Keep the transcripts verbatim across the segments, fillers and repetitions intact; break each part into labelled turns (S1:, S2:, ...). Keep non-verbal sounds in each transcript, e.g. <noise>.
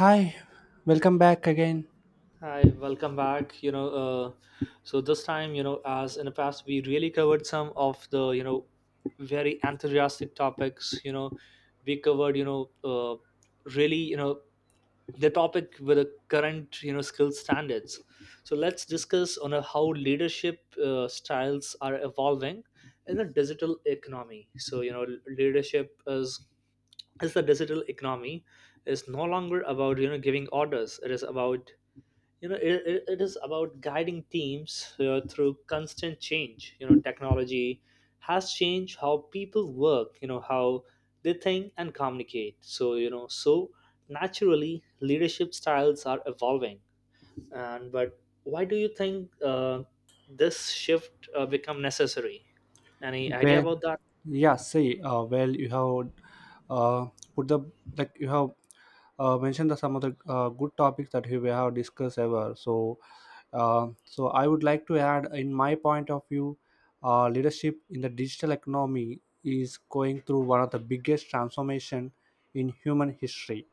S1: Hi, welcome back again.
S2: Hi, welcome back. You know, uh, so this time, you know, as in the past, we really covered some of the, you know, very enthusiastic topics. You know, we covered, you know, uh, really, you know, the topic with the current, you know, skill standards. So let's discuss on uh, how leadership uh, styles are evolving in the digital economy. So you know, leadership is is the digital economy is no longer about you know giving orders. It is about you know it, it it is about guiding teams uh, through constant change. You know technology has changed how people work, you know how they think and communicate, so you know so naturally leadership styles are evolving. And but why do you think uh, this shift uh, become necessary? Any idea
S1: Where
S2: about that?
S1: Yeah, see. Uh, well, You have uh, put the, like you have uh, mentioned the some of the uh, good topics that we have discussed ever. So, uh, so I would like to add, in my point of view, uh, leadership in the digital economy is going through one of the biggest transformation in human history.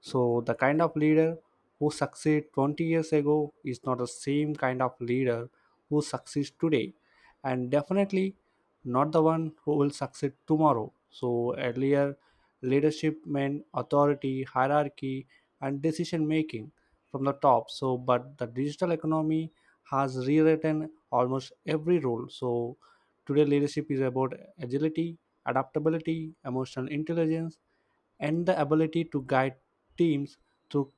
S1: So, the kind of leader who succeeded twenty years ago is not the same kind of leader who succeeds today, and definitely not the one who will succeed tomorrow. So earlier, leadership meant authority, hierarchy, and decision making from the top. So but the digital economy has rewritten almost every role. So today, leadership is about agility, adaptability, emotional intelligence, and the ability to guide teams through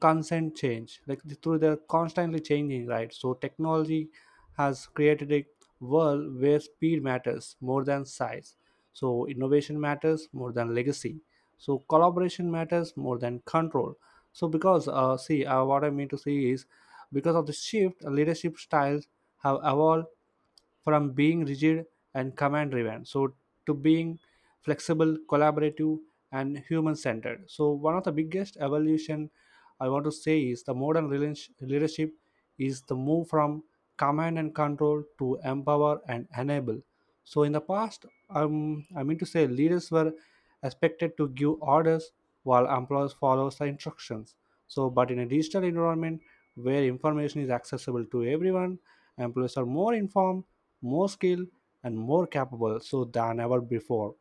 S1: constant change, like th- through they're constantly changing, right? So technology has created a world where speed matters more than size, so innovation matters more than legacy, so collaboration matters more than control. So because uh, see uh, what I mean to say is, because of the shift, leadership styles have evolved from being rigid and command driven, so to being flexible, collaborative, and human centered. So one of the biggest evolution I want to say is the modern relation- leadership is the move from command and control to empower and enable. So in the past, um, I mean to say, leaders were expected to give orders while employees follow the instructions. So but in a digital environment where information is accessible to everyone, employees are more informed, more skilled, and more capable so than ever before.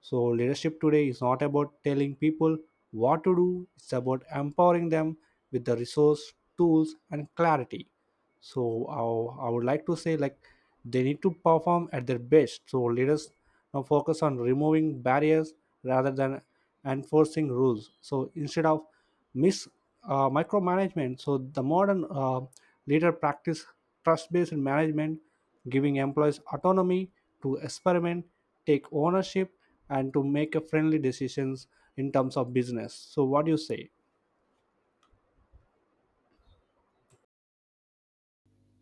S1: So leadership today is not about telling people what to do, it's about empowering them with the resource tools and clarity. So I, I would like to say, like, they need to perform at their best, so let us now focus on removing barriers rather than enforcing rules. So instead of mis uh, micromanagement, so the modern uh, leader practice trust-based management, giving employees autonomy to experiment, take ownership, and to make a friendly decisions in terms of business. So what do you say?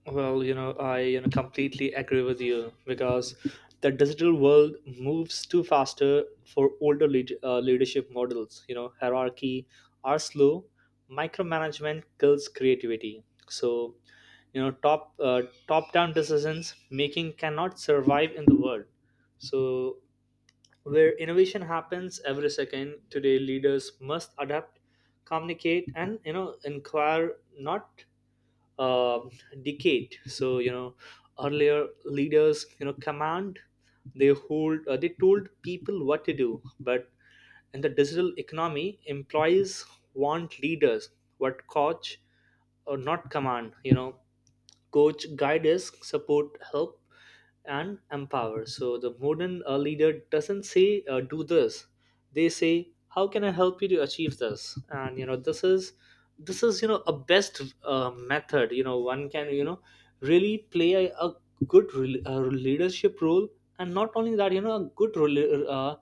S2: Well, you know, I you know completely agree with you because the digital world moves too faster for older lead, uh, leadership models. You know, hierarchy are slow, micromanagement kills creativity. So, you know, top uh, top down decisions making cannot survive in the world. So, where innovation happens every second, today leaders must adapt, communicate, and you know, inquire not um decade. So you know earlier leaders you know command. They hold uh, they told people what to do, but in the digital economy employees want leaders what coach or not command. You know coach, guides, support, help, and empower. So the modern uh, leader doesn't say uh, do this; they say how can I help you to achieve this? And you know this is this is you know a best uh, method. You know one can you know really play a, a good re- uh, leadership role, and not only that, you know a good rela- uh,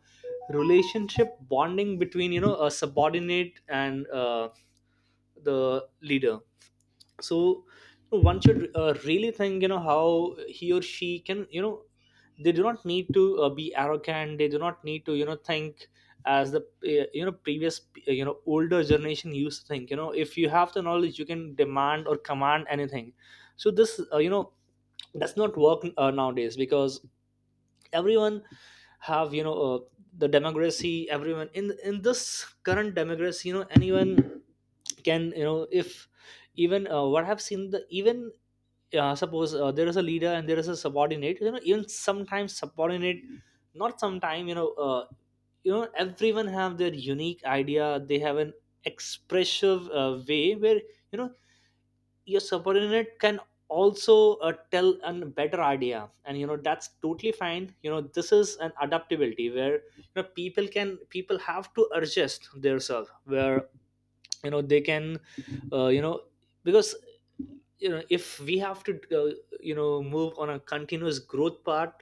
S2: relationship bonding between you know a subordinate and uh, the leader. So one should uh, really think, you know how he or she can, you know they do not need to uh, be arrogant. They do not need to you know think as the uh, you know previous, uh, you know older generation used to think. You know if you have the knowledge you can demand or command anything. So this uh, you know does not work uh, nowadays because everyone have you know uh, the democracy. Everyone in in this current democracy, you know anyone can, you know if even, uh, what I've seen, the even uh, suppose uh, there is a leader and there is a subordinate. You know even sometimes subordinate, not sometime, you know uh, you know everyone have their unique idea. They have an expressive uh, way where you know your subordinate can also uh, tell a better idea. And you know that's totally fine. You know this is an adaptability where you know people can people have to adjust themselves where you know they can, uh, you know because you know if we have to, uh, you know move on a continuous growth path.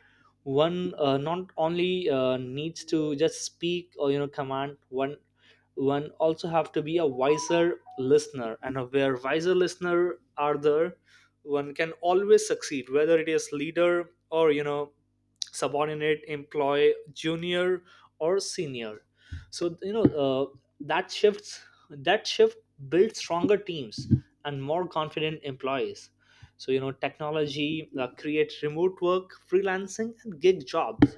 S2: One uh, not only uh, needs to just speak or you know command. One one also have to be a wiser listener, and where wiser listener are there, one can always succeed, whether it is leader or you know subordinate, employee, junior or senior. So you know uh, that shifts that shift builds stronger teams and more confident employees. So you know technology uh, creates remote work, freelancing and gig jobs.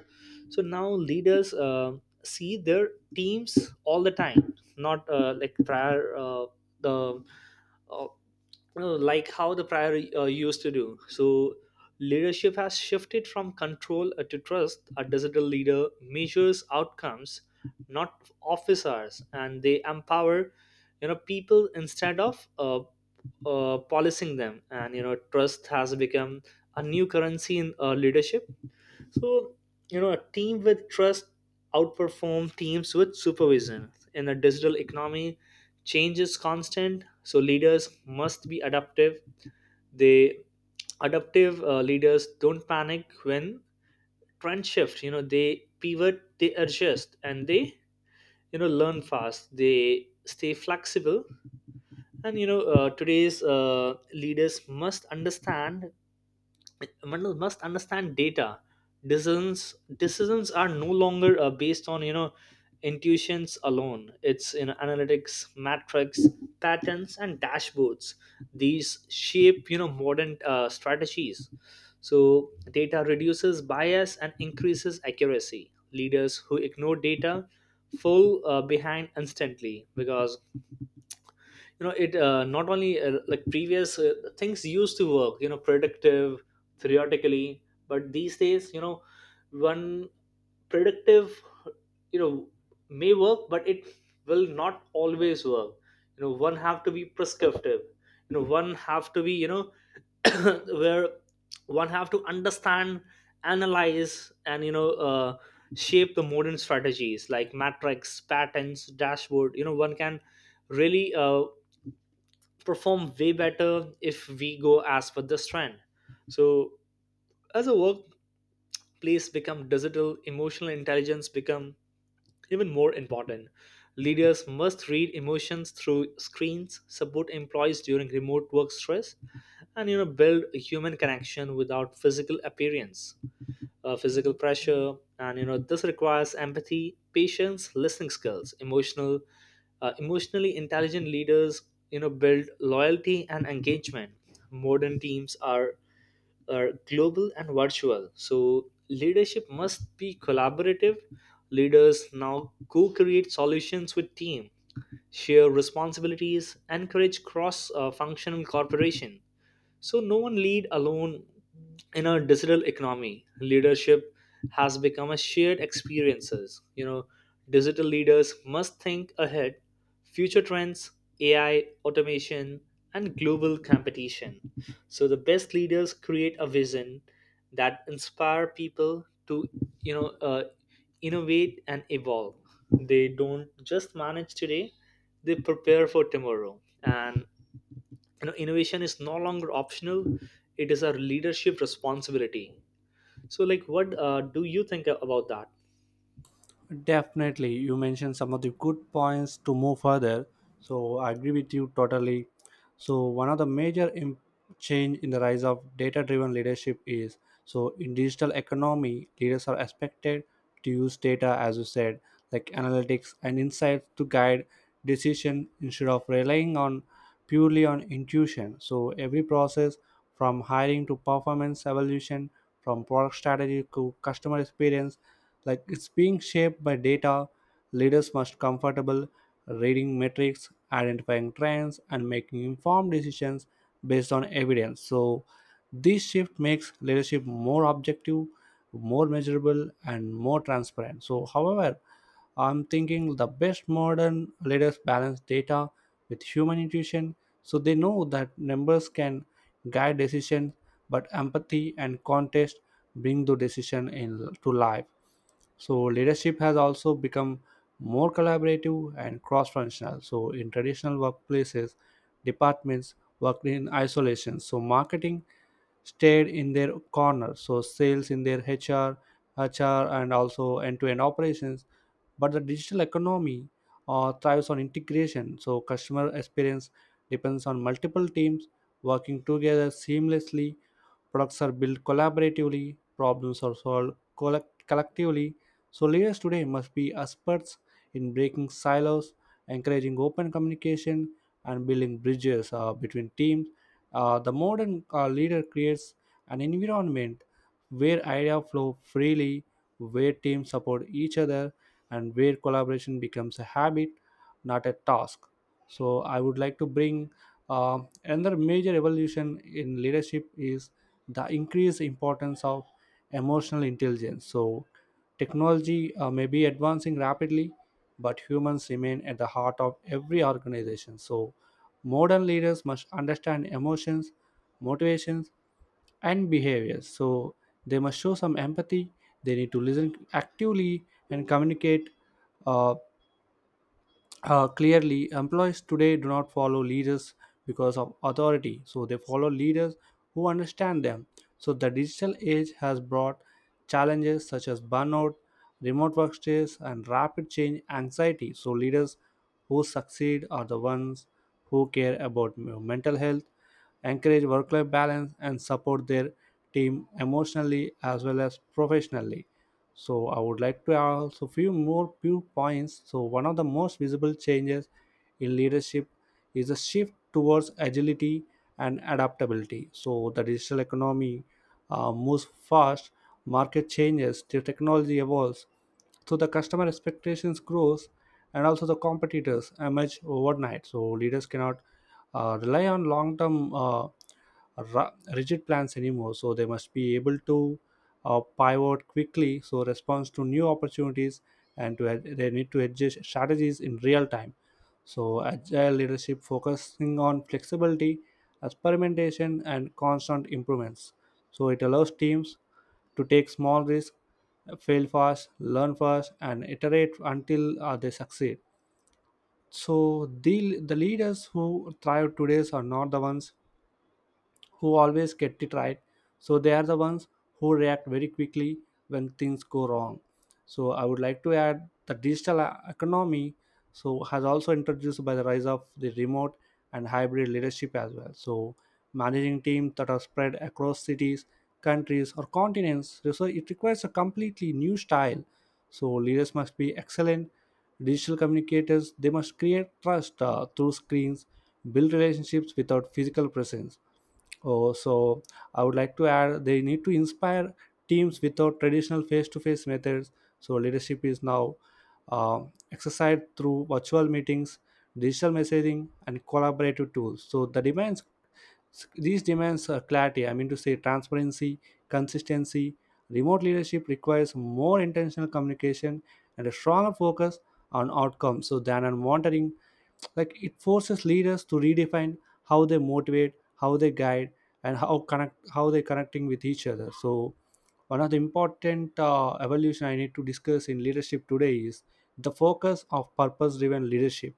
S2: So now leaders uh, see their teams all the time, not uh, like prior, uh, the uh, you know, like how the prior uh, used to do. So leadership has shifted from control uh, to trust. A digital leader measures outcomes, not officers, and they empower you know people instead of uh, uh, policing them. And you know trust has become a new currency in uh, leadership. So, you know, a team with trust outperform teams with supervision. In a digital economy, change is constant, so leaders must be adaptive. They adaptive uh, leaders don't panic when trend shift. You know, they pivot, they adjust, and they you know learn fast. They stay flexible, and you know uh, today's uh, leaders must understand, one must understand data. Decisions decisions are no longer uh, based on you know intuitions alone. It's in analytics, metrics, patterns and dashboards. These shape you know modern uh, strategies. So data reduces bias and increases accuracy. Leaders who ignore data fall uh, behind instantly, because you know it uh, not only uh, like previous uh, things used to work, you know predictive theoretically. But these days you know one predictive you know may work, but it will not always work. You know one have to be prescriptive. You know one have to be, you know <coughs> <clears throat> where one have to understand, analyze, and you know uh, shape the modern strategies like matrix, patterns, dashboard. You know one can really uh, perform way better if we go as per this trend. So as a workplace become digital, emotional intelligence become even more important. Leaders must read emotions through screens, support employees during remote work stress, and you know build a human connection without physical appearance, uh, physical pressure. And you know this requires empathy, patience, listening skills. Emotional uh, emotionally intelligent leaders you know build loyalty and engagement. Modern teams are are global and virtual, so leadership must be collaborative. Leaders now co-create solutions with team, share responsibilities, encourage cross uh, functional cooperation. So no one lead alone in a digital economy. Leadership has become a shared experiences. You know, digital leaders must think ahead, future trends, A I, automation, and global competition. So the best leaders create a vision that inspire people to you know uh, innovate and evolve. They don't just manage today; they prepare for tomorrow. And you know innovation is no longer optional, it is our leadership responsibility. So like what uh, do you think about that?
S1: Definitely, you mentioned some of the good points to move further. So I agree with you totally. So one of the major im- change in the rise of data driven leadership is, so in digital economy, leaders are expected to use data, as you said, like analytics and insights to guide decision instead of relying on purely on intuition. So every process from hiring to performance evolution, from product strategy to customer experience, like, it's being shaped by data. Leaders must comfortable reading metrics, identifying trends, and making informed decisions based on evidence. So this shift makes leadership more objective, more measurable, and more transparent. So however, I'm thinking the best modern leaders balance data with human intuition. So they know that numbers can guide decisions, but empathy and context bring the decision in to life. So leadership has also become more collaborative and cross-functional. So in traditional workplaces, departments worked in isolation. So marketing stayed in their corner. So sales in their H R, H R, and also end-to-end operations. But the digital economy uh, thrives on integration. So customer experience depends on multiple teams working together seamlessly. Products are built collaboratively. Problems are solved collect- collectively. So leaders today must be experts in breaking silos, encouraging open communication, and building bridges uh, between teams. Uh, the modern uh, leader creates an environment where ideas flow freely, where teams support each other, and where collaboration becomes a habit, not a task. So I would like to bring uh, another major evolution in leadership is the increased importance of emotional intelligence. So technology uh, may be advancing rapidly, but humans remain at the heart of every organization. So modern leaders must understand emotions, motivations, and behaviors. So they must show some empathy. They need to listen actively and communicate uh, uh, clearly. Employees today do not follow leaders because of authority, so they follow leaders who understand them. So the digital age has brought challenges such as burnout, remote work stress, and rapid change anxiety. So leaders who succeed are the ones who care about, you know, mental health, encourage work life balance, and support their team emotionally as well as professionally. So I would like to add also few more few points. So one of the most visible changes in leadership is a shift towards agility and adaptability. So the digital economy uh, moves fast, market changes, the technology evolves, so the customer expectations grows, and also the competitors emerge overnight. So leaders cannot uh, rely on long-term. Uh, ru- rigid plans anymore, so they must be able to uh, pivot quickly, so response to new opportunities, and to ad- they need to adjust strategies in real time. So agile leadership focusing on flexibility, experimentation, and constant improvements. So it allows teams to take small risks, fail fast, learn fast, and iterate until uh, they succeed. So the the leaders who thrive today are not the ones who always get it right. So they are the ones who react very quickly when things go wrong. So I would like to add the digital e- economy so has also introduced by the rise of the remote and hybrid leadership as well. So managing teams that are spread across cities, countries, or continents. So it requires a completely new style. So leaders must be excellent digital communicators. They must create trust uh, through screens, build relationships without physical presence. Oh, so I would like to add, they need to inspire teams without traditional face-to-face methods. So leadership is now um, exercised through virtual meetings, digital messaging, and collaborative tools. So the demands, these demands are clarity, I mean to say, transparency, consistency. Remote leadership requires more intentional communication and a stronger focus on outcomes so than on monitoring. Like, it forces leaders to redefine how they motivate, how they guide, and how connect, how they're connecting with each other. So one of the important uh, evolution I need to discuss in leadership today is the focus of purpose-driven leadership.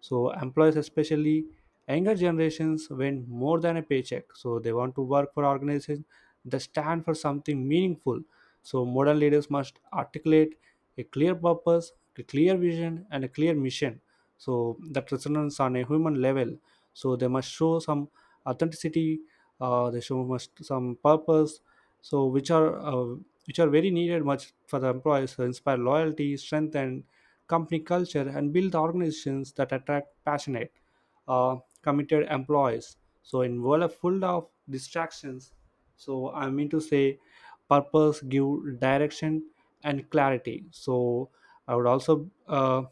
S1: So employees, especially younger generations, want more than a paycheck. So they want to work for organizations that stand for something meaningful. So modern leaders must articulate a clear purpose, a clear vision, and a clear mission so that resonates on a human level. So they must show some authenticity. Uh, they show must some purpose, so which are uh, which are very needed much for the employees to inspire loyalty strength and company culture and build organizations that attract passionate, uh, committed employees. So in world full of distractions, so I mean to say, purpose give direction and clarity. So I would also uh,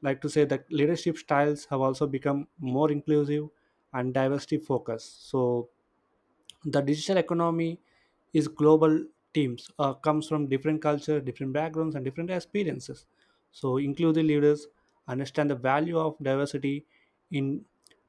S1: like to say that leadership styles have also become more inclusive and diversity focused. So the digital economy is global. Teams uh, comes from different culture, different backgrounds, and different experiences. So inclusive leaders understand the value of diversity in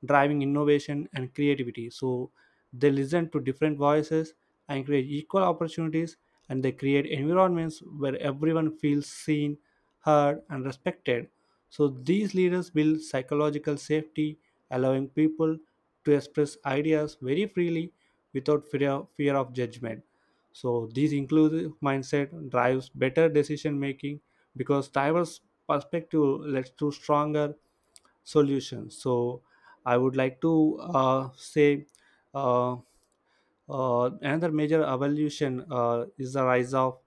S1: driving innovation and creativity. So they listen to different voices and create equal opportunities, and they create environments where everyone feels seen, heard, and respected. So these leaders build psychological safety, allowing people to express ideas very freely without fear, fear of judgment. So this inclusive mindset drives better decision making because diverse perspective leads to stronger solutions. So I would like to uh, say uh, uh, another major evolution uh, is the rise of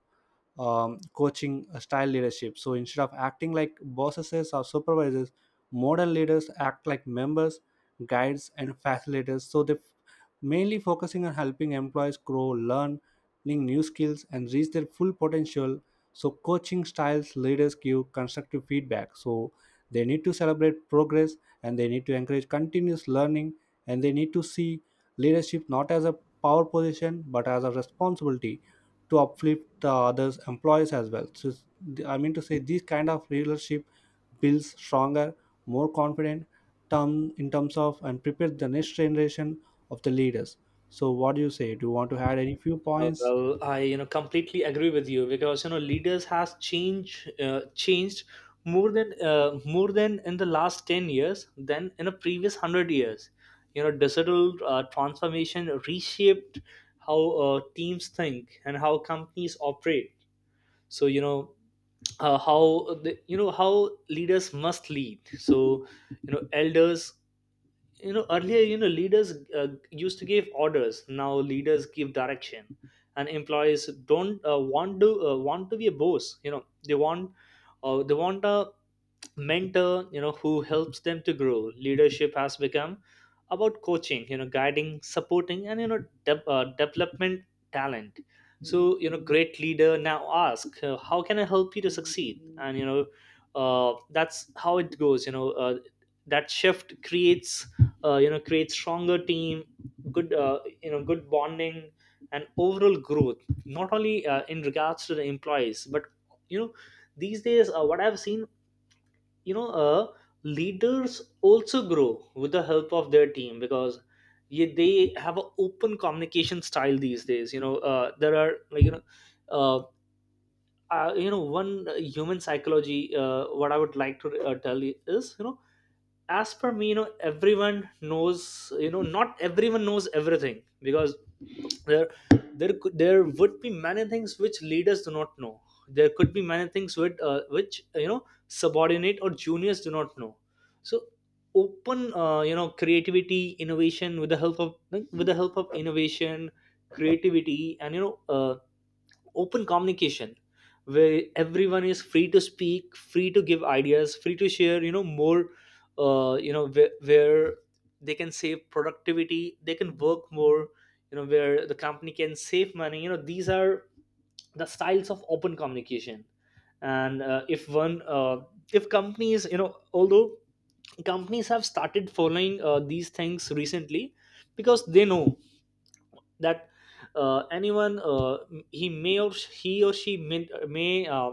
S1: um, coaching style leadership. So instead of acting like bosses or supervisors, modern leaders act like members, guides, and facilitators. So they f- mainly focusing on helping employees grow, learn, learning new skills, and reach their full potential. So coaching styles leaders give constructive feedback. So they need to celebrate progress, and they need to encourage continuous learning, and they need to see leadership not as a power position but as a responsibility to uplift the others employees as well. So it's- the- I mean to say, this kind of leadership builds stronger, more confident term in terms of, and prepares the next generation of the leaders. So what do you say, do you want to add any few
S2: uh,
S1: points?
S2: Well, I you know completely agree with you because you know leaders has changed uh, changed more than uh, more than in the last ten years than in the previous one hundred years. You know digital uh, transformation reshaped how uh, teams think and how companies operate. So you know uh, how the, you know how leaders must lead. So you know elders, you know earlier, you know leaders uh, used to give orders. Now leaders give direction. And employees don't uh, want to uh, want to be a boss. you know they want uh, they want a mentor you know who helps them to grow. Leadership has become about coaching, you know guiding, supporting, and you know de- uh, development talent. So you know great leader now ask uh, how can I help you to succeed? And you know uh, that's how it goes. You know uh, that shift creates uh, you know creates stronger team, good uh, you know good bonding, and overall growth, not only uh, in regards to the employees, but you know these days uh, what I've seen, you know uh, leaders also grow with the help of their team, because yeah, they have an open communication style these days. You know uh, there are, like, you know uh, uh, you know one uh, human psychology, uh, what I would like to uh, tell you is, you know as per me, you know everyone knows, you know not everyone knows everything. Because there there could there would be many things which leaders do not know. There could be many things which uh, which uh, you know subordinate or juniors do not know. So open uh, you know creativity, innovation, with the help of with the help of innovation, creativity, and you know uh, open communication, where everyone is free to speak, free to give ideas, free to share, you know more, uh, you know where, where they can save productivity, they can work more, you know where the company can save money. You know these are the styles of open communication. And uh, if one uh, if companies, you know although companies have started following uh, these things recently, because they know that uh, anyone, uh, m- he may or sh- he or she may, may uh,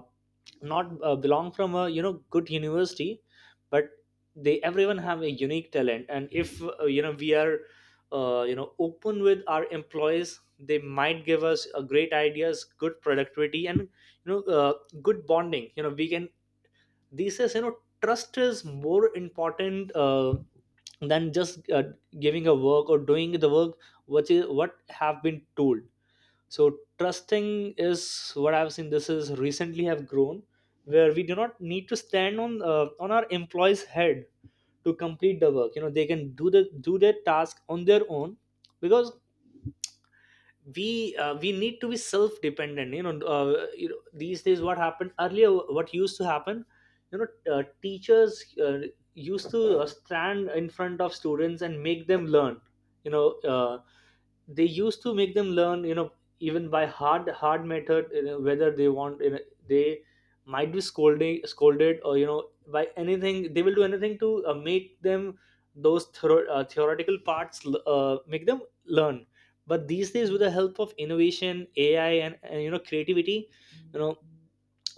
S2: not uh, belong from a you know good university. But they everyone have a unique talent. And if uh, you know we are uh, you know open with our employees, they might give us uh, great ideas, good productivity, and you know uh, good bonding. You know we can. These says, you know trust is more important uh, than just uh, giving a work or doing the work, which is what have been told. So trusting is what I've seen, this is recently have grown, where we do not need to stand on uh, on our employees head to complete the work. You know they can do the do their task on their own. Because we uh, we need to be self dependent. You know uh, you know these days what happened earlier, what used to happen, you know uh, Teachers uh, used to uh, stand in front of students and make them learn. you know uh, they used to make them learn, you know even by hard hard method, you know, whether they want, you know, they might be scolding scolded or, you know, by anything. They will do anything to uh, make them, those thero- uh, theoretical parts, uh, make them learn. But these days, with the help of innovation, AI, and, and you know, creativity, you know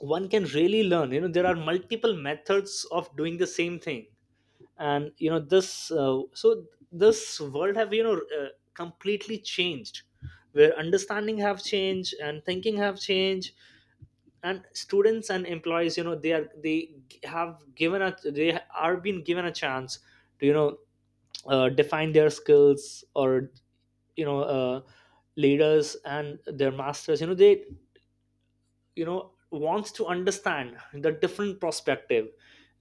S2: one can really learn. You know, there are multiple methods of doing the same thing. And you know, this uh, so this world have, you know, uh, completely changed, where understanding have changed and thinking have changed. And students and employees, you know, they are they g- have given a they are being given a chance to, you know, uh, define their skills, or you know uh, leaders and their masters, you know, they you know wants to understand the different perspective.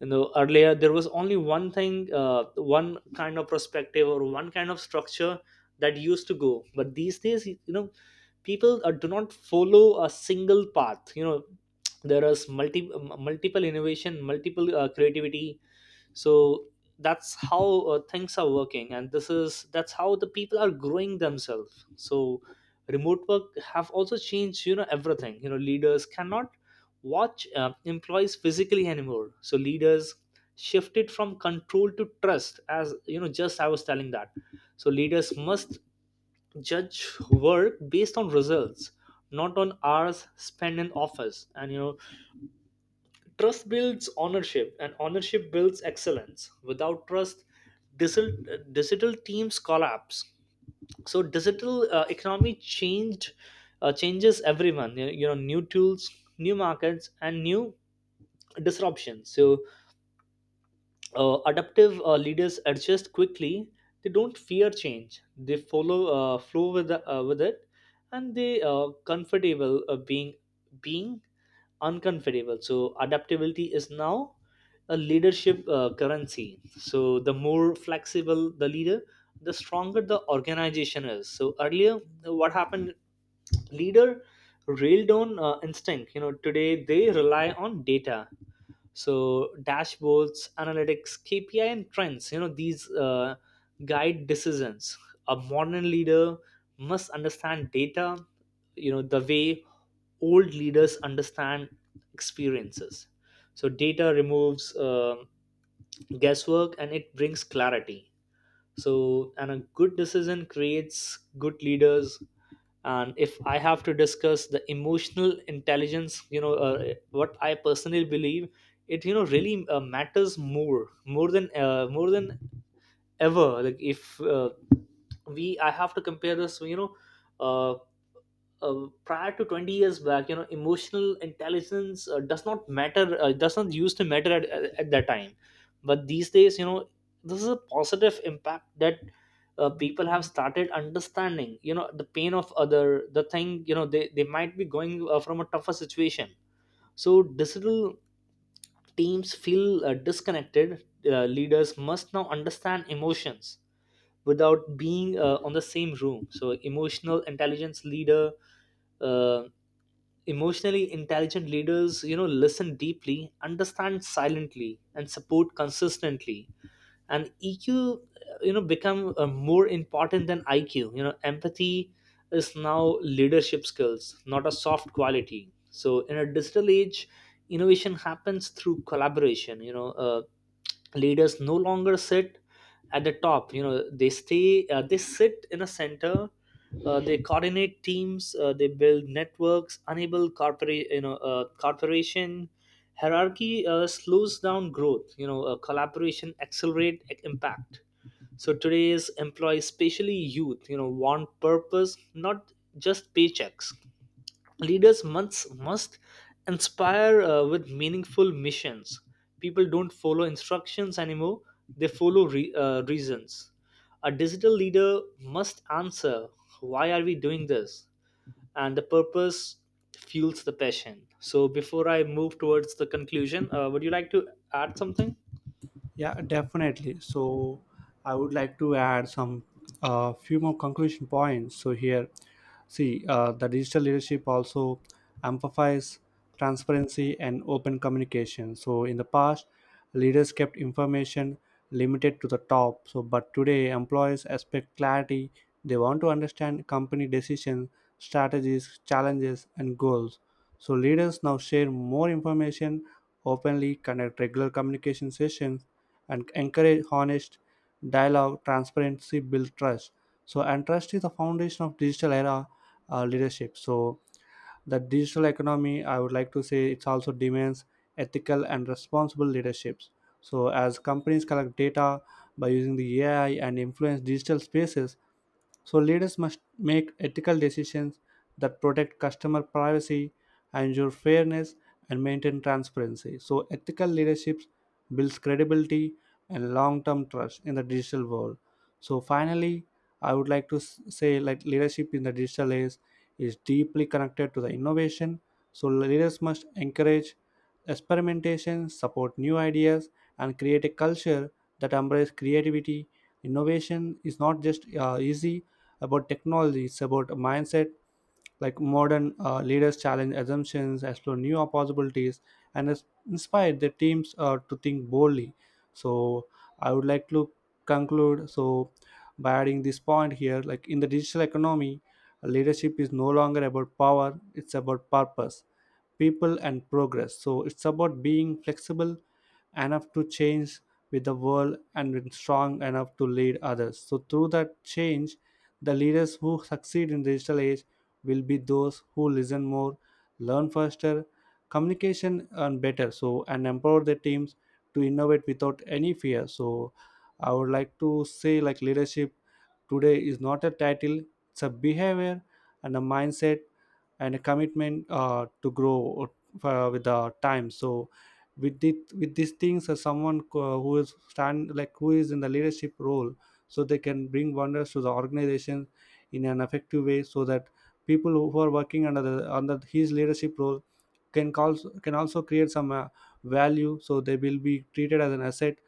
S2: You know, earlier there was only one thing, uh, one kind of perspective or one kind of structure that used to go. But these days, you know, people uh, do not follow a single path. You know, there is multi m- multiple innovation, multiple uh, creativity. So that's how uh, things are working, and this is that's how the people are growing themselves. So remote work have also changed, you know, everything. You know, leaders cannot watch uh, employees physically anymore. So leaders shifted from control to trust, as you know, just I was telling that. So leaders must judge work based on results, not on hours spent in office. And you know, trust builds ownership, and ownership builds excellence. Without trust, digital, digital teams collapse. So digital uh, economy changed uh, changes everyone. You you know, new tools, new markets, and new disruptions. So uh, adaptive uh, leaders adjust quickly. They don't fear change. They follow uh, flow with the, uh, with it, and they are comfortable uh, being being uncomfortable. So adaptability is now a leadership uh, currency. So the more flexible the leader, the stronger the organization is. So earlier, what happened? Leader railed on uh, instinct. You know, today they rely on data. So dashboards, analytics, K P I, and trends. You know, these uh, guide decisions. A modern leader must understand data, you know, the way old leaders understand experiences. So data removes um guesswork, and it brings clarity. So, and a good decision creates good leaders. And if I have to discuss the emotional intelligence, you know, uh, what I personally believe, it, you know, really uh, matters more more than uh, more than ever. Like, if uh, we I have to compare this, you know, uh, uh, prior to twenty years back, you know, emotional intelligence uh, does not matter, uh, does not used to matter at, at, at that time. But these days, you know, this is a positive impact that uh, people have started understanding, you know, the pain of other. The thing, you know, they, they might be going uh, from a tougher situation. So digital teams feel uh, disconnected. Uh, leaders must now understand emotions without being uh, on the same room. So emotional intelligence leader, uh, emotionally intelligent leaders, you know, listen deeply, understand silently, and support consistently. And EQ, you know, become uh, more important than IQ. You know, empathy is now leadership skills, not a soft quality. So in a digital age, innovation happens through collaboration. You know uh, leaders no longer sit at the top. You know, they stay uh, they sit in a center. Uh, they coordinate teams, uh, they build networks, enable corporate, you know, uh, corporation. Hierarchy uh, slows down growth. You know, uh, collaboration accelerate ac- impact. So today's employees, especially youth, you know, want purpose, not just paychecks. Leaders must must inspire uh, with meaningful missions. People don't follow instructions anymore, they follow re- uh, reasons. A digital leader must answer, why are we doing this? And the purpose fuels the passion. So before I move towards the conclusion, uh, would you like to add something?
S1: Yeah, definitely. So I would like to add some uh, few more conclusion points. So here, see, uh, the digital leadership also amplifies transparency and open communication. So in the past, leaders kept information limited to the top. So but today, employees expect clarity. They want to understand company decisions, strategies, challenges, and goals. So leaders now share more information openly, conduct regular communication sessions, and encourage honest dialogue. Transparency build trust, so and trust is the foundation of digital era uh, leadership. So the digital economy, I would like to say, it also demands ethical and responsible leaderships. So as companies collect data by using the AI and influence digital spaces, so leaders must make ethical decisions that protect customer privacy, ensure fairness, and maintain transparency. So ethical leadership builds credibility and long-term trust in the digital world. So finally, I would like to s- say, like, leadership in the digital age is deeply connected to the innovation. So leaders must encourage experimentation, support new ideas, and create a culture that embraces creativity. Innovation is not just uh, easy about technology. It's about a mindset. Like, modern uh, leaders challenge assumptions, explore new possibilities, and is- inspire their teams uh, to think boldly. So I would like to conclude. So by adding this point here, like, in the digital economy, leadership is no longer about power; it's about purpose, people, and progress. So it's about being flexible enough to change with the world and being strong enough to lead others so through that change. The leaders who succeed in digital age will be those who listen more, learn faster, communication and better, so and empower their teams to innovate without any fear. So I would like to say, like, leadership today is not a title, it's a behavior and a mindset and a commitment uh, to grow uh, with the time. So with the, with these things, uh, someone uh, who is stand, like, who is in the leadership role, so they can bring wonders to the organization in an effective way, so that people who are working under the under his leadership role can call, can also create some uh, value. So they will be treated as an asset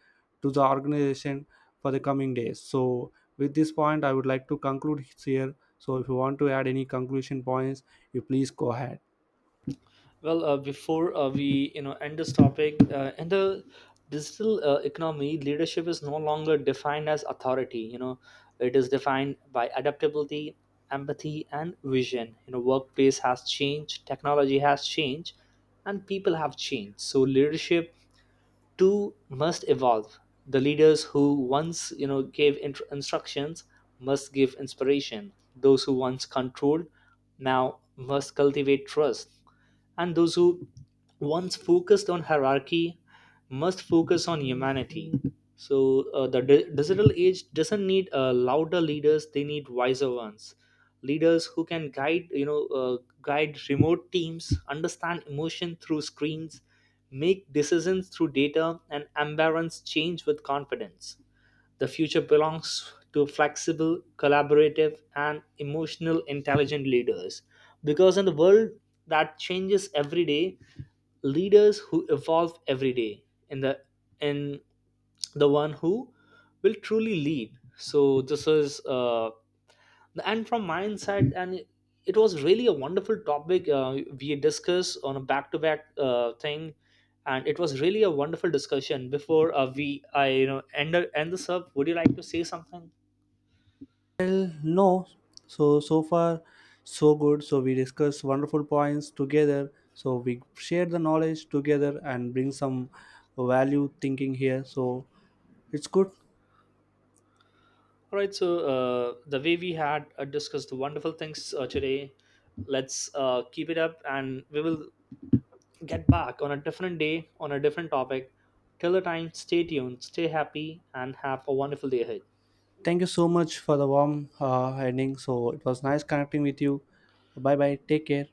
S1: to the organization for the coming days. So with this point, I would like to conclude here. So if you want to add any conclusion points, you please go ahead.
S2: Well, uh, before uh, we, you know, end this topic, uh, in the digital uh, economy, leadership is no longer defined as authority. You know, it is defined by adaptability, empathy, and vision. You know, workplace has changed, technology has changed, and people have changed. So leadership Two must evolve. The leaders who once, you know, gave int- instructions must give inspiration. Those who once controlled now must cultivate trust. And those who once focused on hierarchy must focus on humanity. So uh, the di- digital age doesn't need uh, louder leaders, they need wiser ones. Leaders who can guide, you know, uh, guide remote teams, understand emotion through screens, make decisions through data, and embrace change with confidence. The future belongs to flexible, collaborative, and emotional intelligent leaders. Because in the world that changes every day, leaders who evolve every day, in the in the one who will truly lead. So this is uh, and from my inside. And it was really a wonderful topic uh, we discussed on a back-to-back uh, thing, and it was really a wonderful discussion. Before uh, we I you know, end, end this up, would you like to say something?
S1: Well, no. So so far, so good. So we discuss wonderful points together. So we share the knowledge together and bring some value thinking here. So it's good.
S2: All right, so uh, the way we had uh, discussed wonderful things uh, today, let's uh, keep it up, and we will get back on a different day on a different topic. Till the time, stay tuned, stay happy, and have a wonderful day ahead.
S1: Thank you so much for the warm uh, ending. So it was nice connecting with you. Bye bye. Take care.